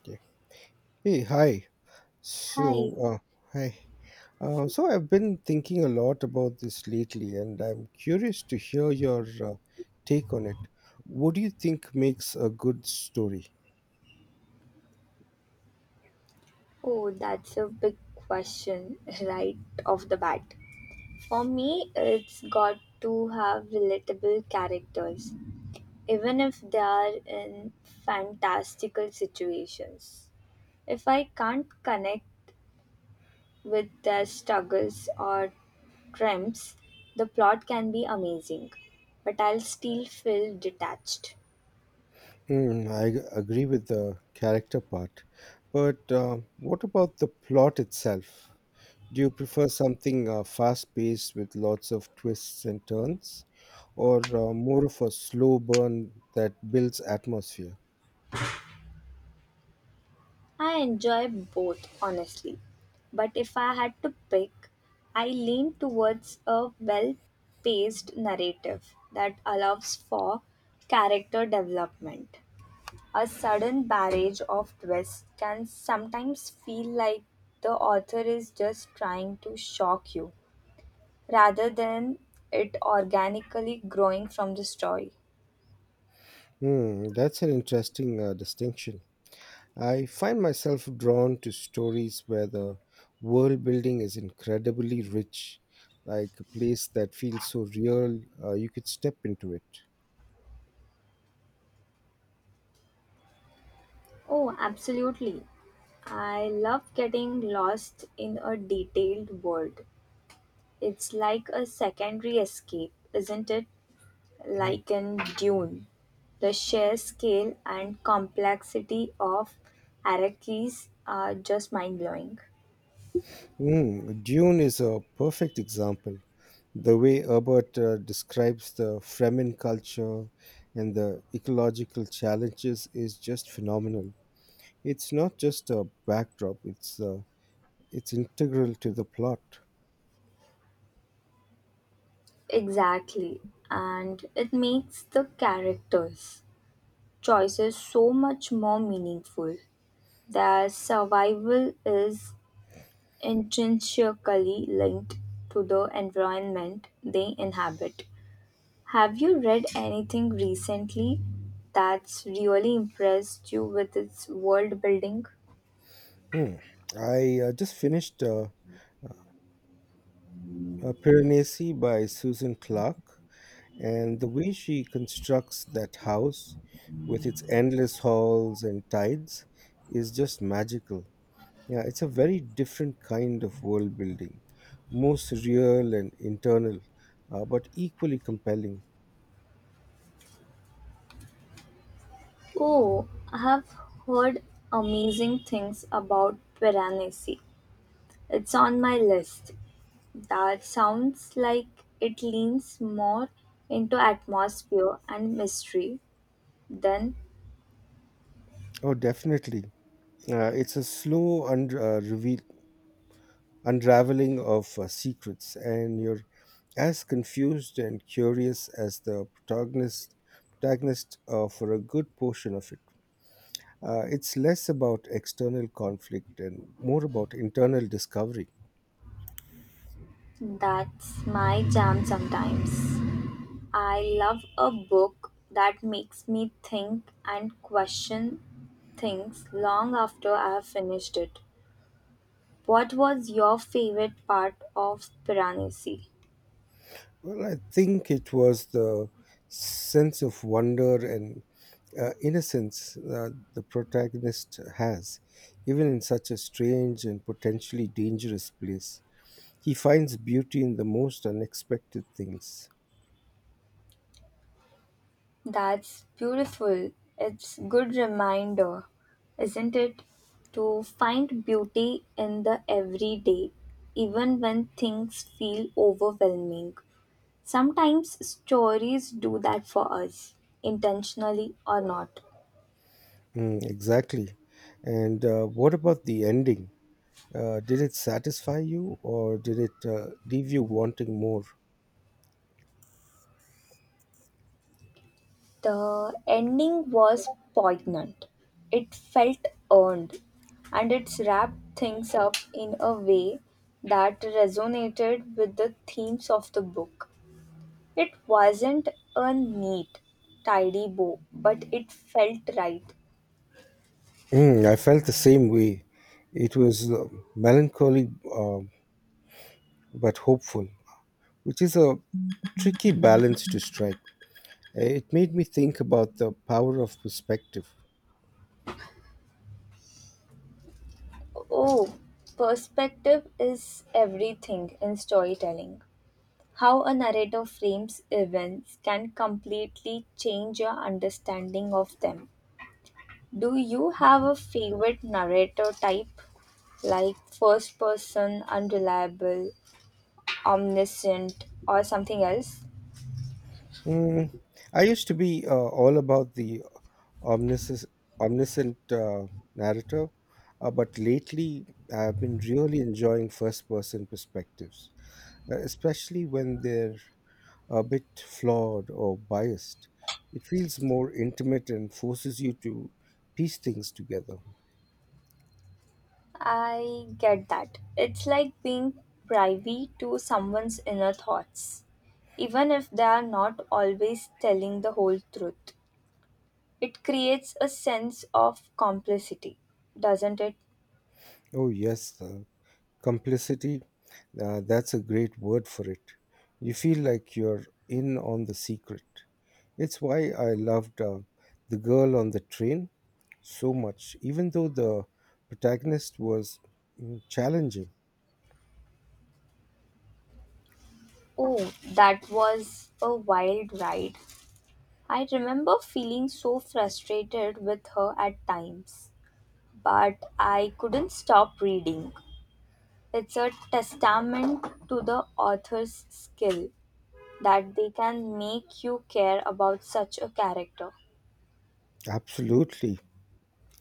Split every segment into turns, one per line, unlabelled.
Okay. Hey, hi. So,
Hi.
uh, hi. So I've been thinking a lot about this lately, and I'm curious to hear your take on it. What do you think makes a good story?
Oh, that's a big question right off the bat. For me, it's got to have relatable characters, even if they are in fantastical situations. If I can't connect with their struggles or triumphs, the plot can be amazing, but I'll still feel detached.
Hmm, agree with the character part, but what about the plot itself? Do you prefer something fast-paced with lots of twists and turns, or more of a slow burn that builds atmosphere?
I enjoy both, honestly. But if I had to pick, I lean towards a well paced narrative that allows for character development. A sudden barrage of twists can sometimes feel like the author is just trying to shock you rather than it organically growing from the story.
Hmm, that's an interesting distinction. I find myself drawn to stories where the world building is incredibly rich, like a place that feels so real you could step into it.
Oh, absolutely. I love getting lost in a detailed world. It's like a secondary escape, isn't it?
Mhm.
Like in Dune. The sheer scale and complexity of Arrakis are just mind blowing.
Mm, Dune is a perfect example. The way Herbert describes the Fremen culture and the ecological challenges is just phenomenal. It's not just a backdrop, it's integral to the plot.
Exactly. And it makes the characters' choices so much more meaningful. Their survival is intrinsically linked to the environment they inhabit. Have you read anything recently that's really impressed you with its world building?
Hmm. I just finished Piranesi by Susan Clark, and the way she constructs that house with its endless halls and tides is just magical. Yeah, it's a very different kind of world building, more surreal and internal, but equally compelling.
Oh, I have heard amazing things about Piranesi. It's on my list. That sounds like it leans more into atmosphere and mystery. Then
Oh, definitely. It's a slow reveal, unraveling of secrets, and you're as confused and curious as the protagonist for a good portion of it. It's less about external conflict and more about internal discovery.
that's my jam sometimes. I love a book that makes me think and question things long after I have finished it. What was your favorite part of Piranesi?
Well, I think it was the sense of wonder and innocence the protagonist has, even in such a strange and potentially dangerous place. He finds beauty in the most unexpected things.
That's beautiful. It's good reminder, isn't it? To find beauty in the everyday, even when things feel overwhelming. Sometimes stories do that for us, intentionally or not.
Mm, exactly. And what about the ending? Did it satisfy you or did it leave you wanting more?
The ending was poignant. It felt earned, and it wrapped things up in a way that resonated with the themes of the book. It wasn't a neat, tidy bow, but it felt right.
Mm, I felt the same way. It was melancholy but hopeful, which is a tricky balance to strike. It made me think about the power of perspective.
Oh, perspective is everything in storytelling. How a narrator frames events can completely change your understanding of them. Do you have a favorite narrator type, like first person, unreliable, omniscient, or something else?
Mm, I used to be all about the omniscient, omniscient narrative. But lately, I've been really enjoying first person perspectives, especially when they're a bit flawed or biased. It feels more intimate and forces you to piece things together.
I get that. It's like being privy to someone's inner thoughts, even if they are not always telling the whole truth. It creates a sense of complicity, doesn't it?
Oh, yes, complicity. That's a great word for it. You feel like you're in on the secret. It's why I loved The Girl on the Train so much, even though the protagonist was challenging.
Oh, that was a wild ride. I remember feeling so frustrated with her at times, but I couldn't stop reading. It's a testament to the author's skill that they can make you care about such a character.
Absolutely.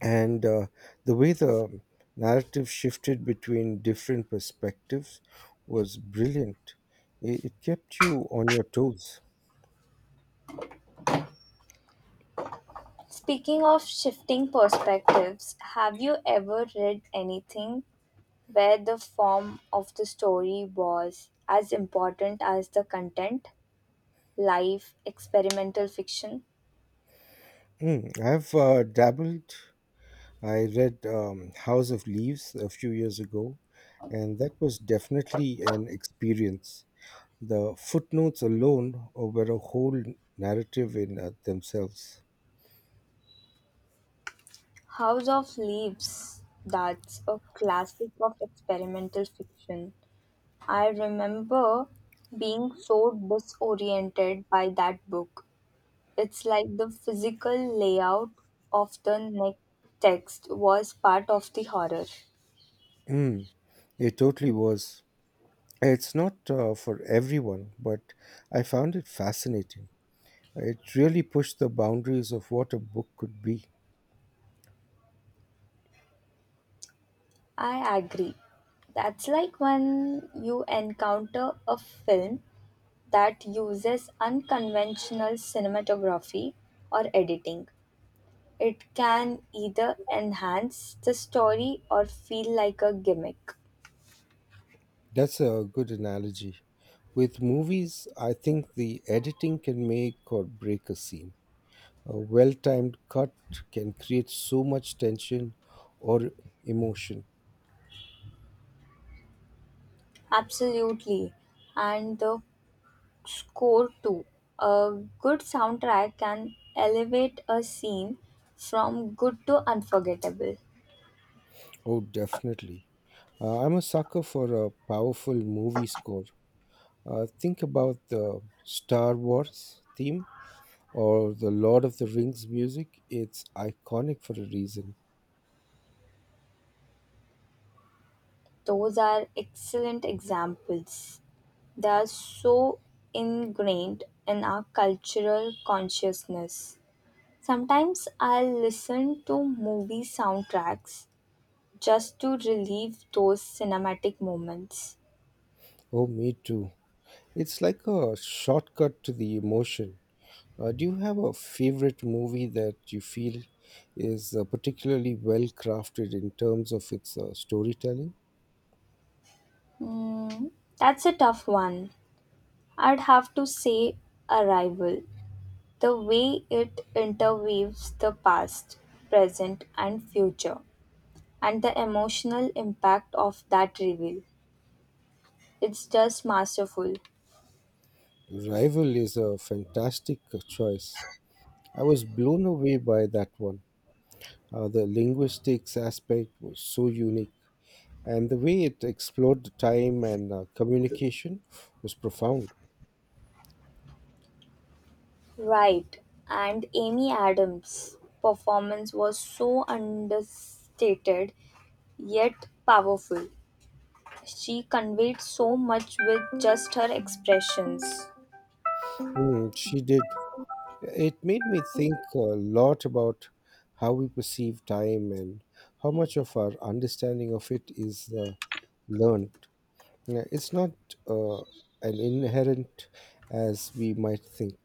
And the way the narrative shifted between different perspectives was brilliant. It kept you on your toes.
Speaking of shifting perspectives, have you ever read anything where the form of the story was as important as the content? Life, experimental fiction?
I've dabbled. I read House of Leaves a few years ago, and that was definitely an experience. The footnotes alone were a whole narrative in themselves.
House of Leaves, that's a classic of experimental fiction. I remember being so disoriented by that book. It's like the physical layout of the next text was part of the horror.
Mm, it totally was. It's not for everyone, but I found it fascinating. It really pushed the boundaries of what a book could be.
I agree. That's like when you encounter a film that uses unconventional cinematography or editing. It can either enhance the story or feel like a gimmick.
That's a good analogy. With movies, I think the editing can make or break a scene. A well timed cut can create so much tension or emotion.
Absolutely. And the score too. A good soundtrack can elevate a scene from good to unforgettable.
Oh, definitely. I'm a sucker for a powerful movie score. Think about the Star Wars theme or the Lord of the Rings music. It's iconic for a reason.
Those are excellent examples. They are so ingrained in our cultural consciousness. Sometimes I listen to movie soundtracks just to relieve those cinematic moments.
Oh, me too. It's like a shortcut to the emotion. Do you have a favorite movie that you feel is particularly well crafted in terms of its storytelling?
Hmm, that's a tough one. I'd have to say Arrival. The way it interweaves the past, present, and future, and the emotional impact of that reveal. It's just masterful.
Rival is a fantastic choice. I was blown away by that one. The linguistics aspect was so unique, and the way it explored the time and communication was profound.
Right. And Amy Adams' performance was so understated yet powerful. She conveyed so much with just her expressions.
Mm, she did. It made me think a lot about how we perceive time and how much of our understanding of it is learned. Yeah, it's not uh, an inherent as we might think.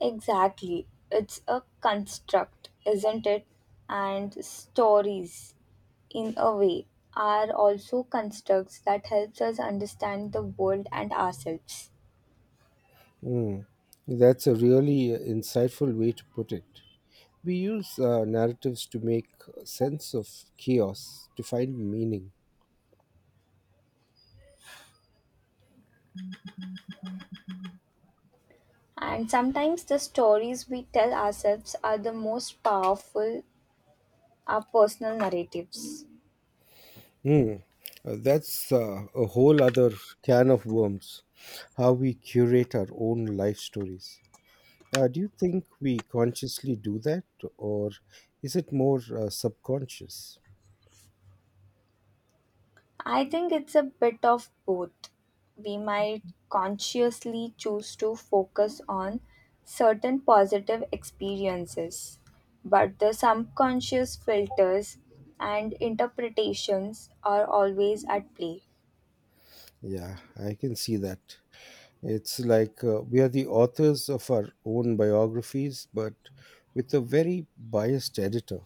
Exactly. It's a construct, isn't it? And stories, in a way, are also constructs that helps us understand the world and ourselves.
Mm. That's a really insightful way to put it. We use narratives to make sense of chaos, to find meaning.
And sometimes the stories we tell ourselves are the most powerful, our personal narratives.
Mm. That's a whole other can of worms, how we curate our own life stories. Do you think we consciously do that, or is it more subconscious?
I think it's a bit of both. We might consciously choose to focus on certain positive experiences, but the subconscious filters and interpretations are always at play.
Yeah, I can see that. It's like we are the authors of our own biographies, but with a very biased editor.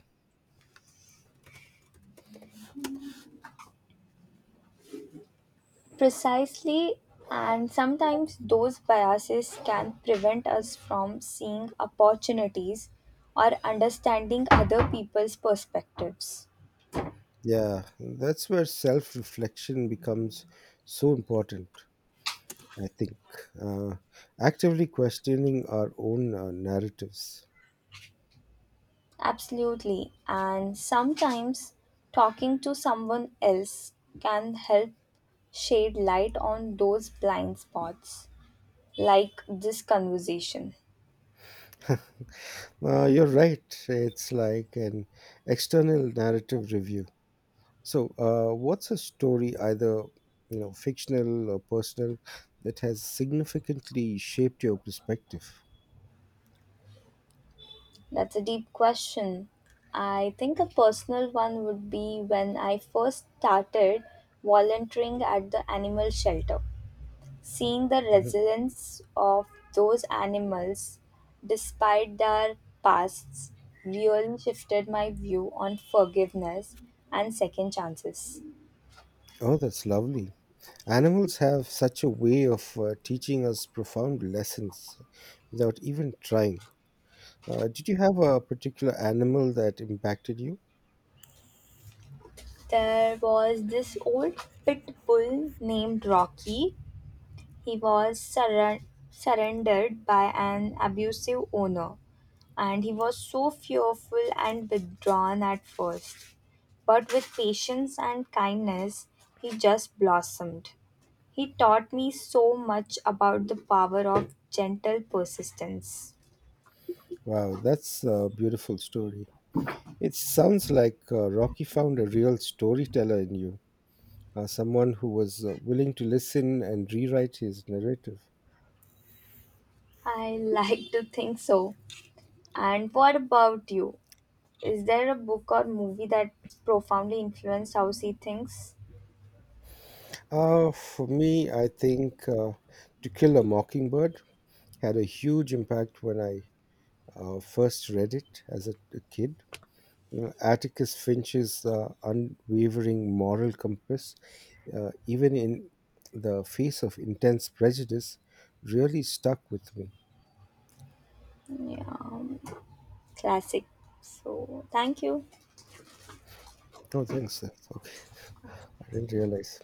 Precisely, and sometimes those biases can prevent us from seeing opportunities or understanding other people's perspectives.
Yeah, that's where self reflection becomes so important. I think, uh, actively questioning our own narratives.
Absolutely. And sometimes talking to someone else can help shed light on those blind spots, like this conversation.
You're right. It's like an external narrative review. So what's a story, either you know, fictional or personal, that has significantly shaped your perspective?
That's a deep question. I think a personal one would be when I first started volunteering at the animal shelter. Seeing the
Mhm.
resilience of those animals despite their pasts really shifted my view on forgiveness and second chances.
Oh, that's lovely. Animals have such a way of teaching us profound lessons without even trying. Did you have a particular animal that impacted you?
There was this old pit bull named Rocky. He was surrendered by an abusive owner and he was so fearful and withdrawn at first. But with patience and kindness, he just blossomed. He taught me so much about the power of gentle persistence.
Wow, that's a beautiful story. It sounds like Rocky found a real storyteller in you, someone who was willing to listen and rewrite his narrative.
I like to think so. And what about you? Is there a book or movie that profoundly influenced how she thinks?
For me, I think To Kill a Mockingbird had a huge impact when I first read it as a kid. You know, Atticus Finch's unwavering moral compass, even in the face of intense prejudice, really stuck with me.
Yeah, classic. So, thank you.
Oh, thanks. Okay, I didn't realize.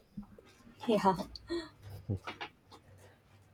Yeah.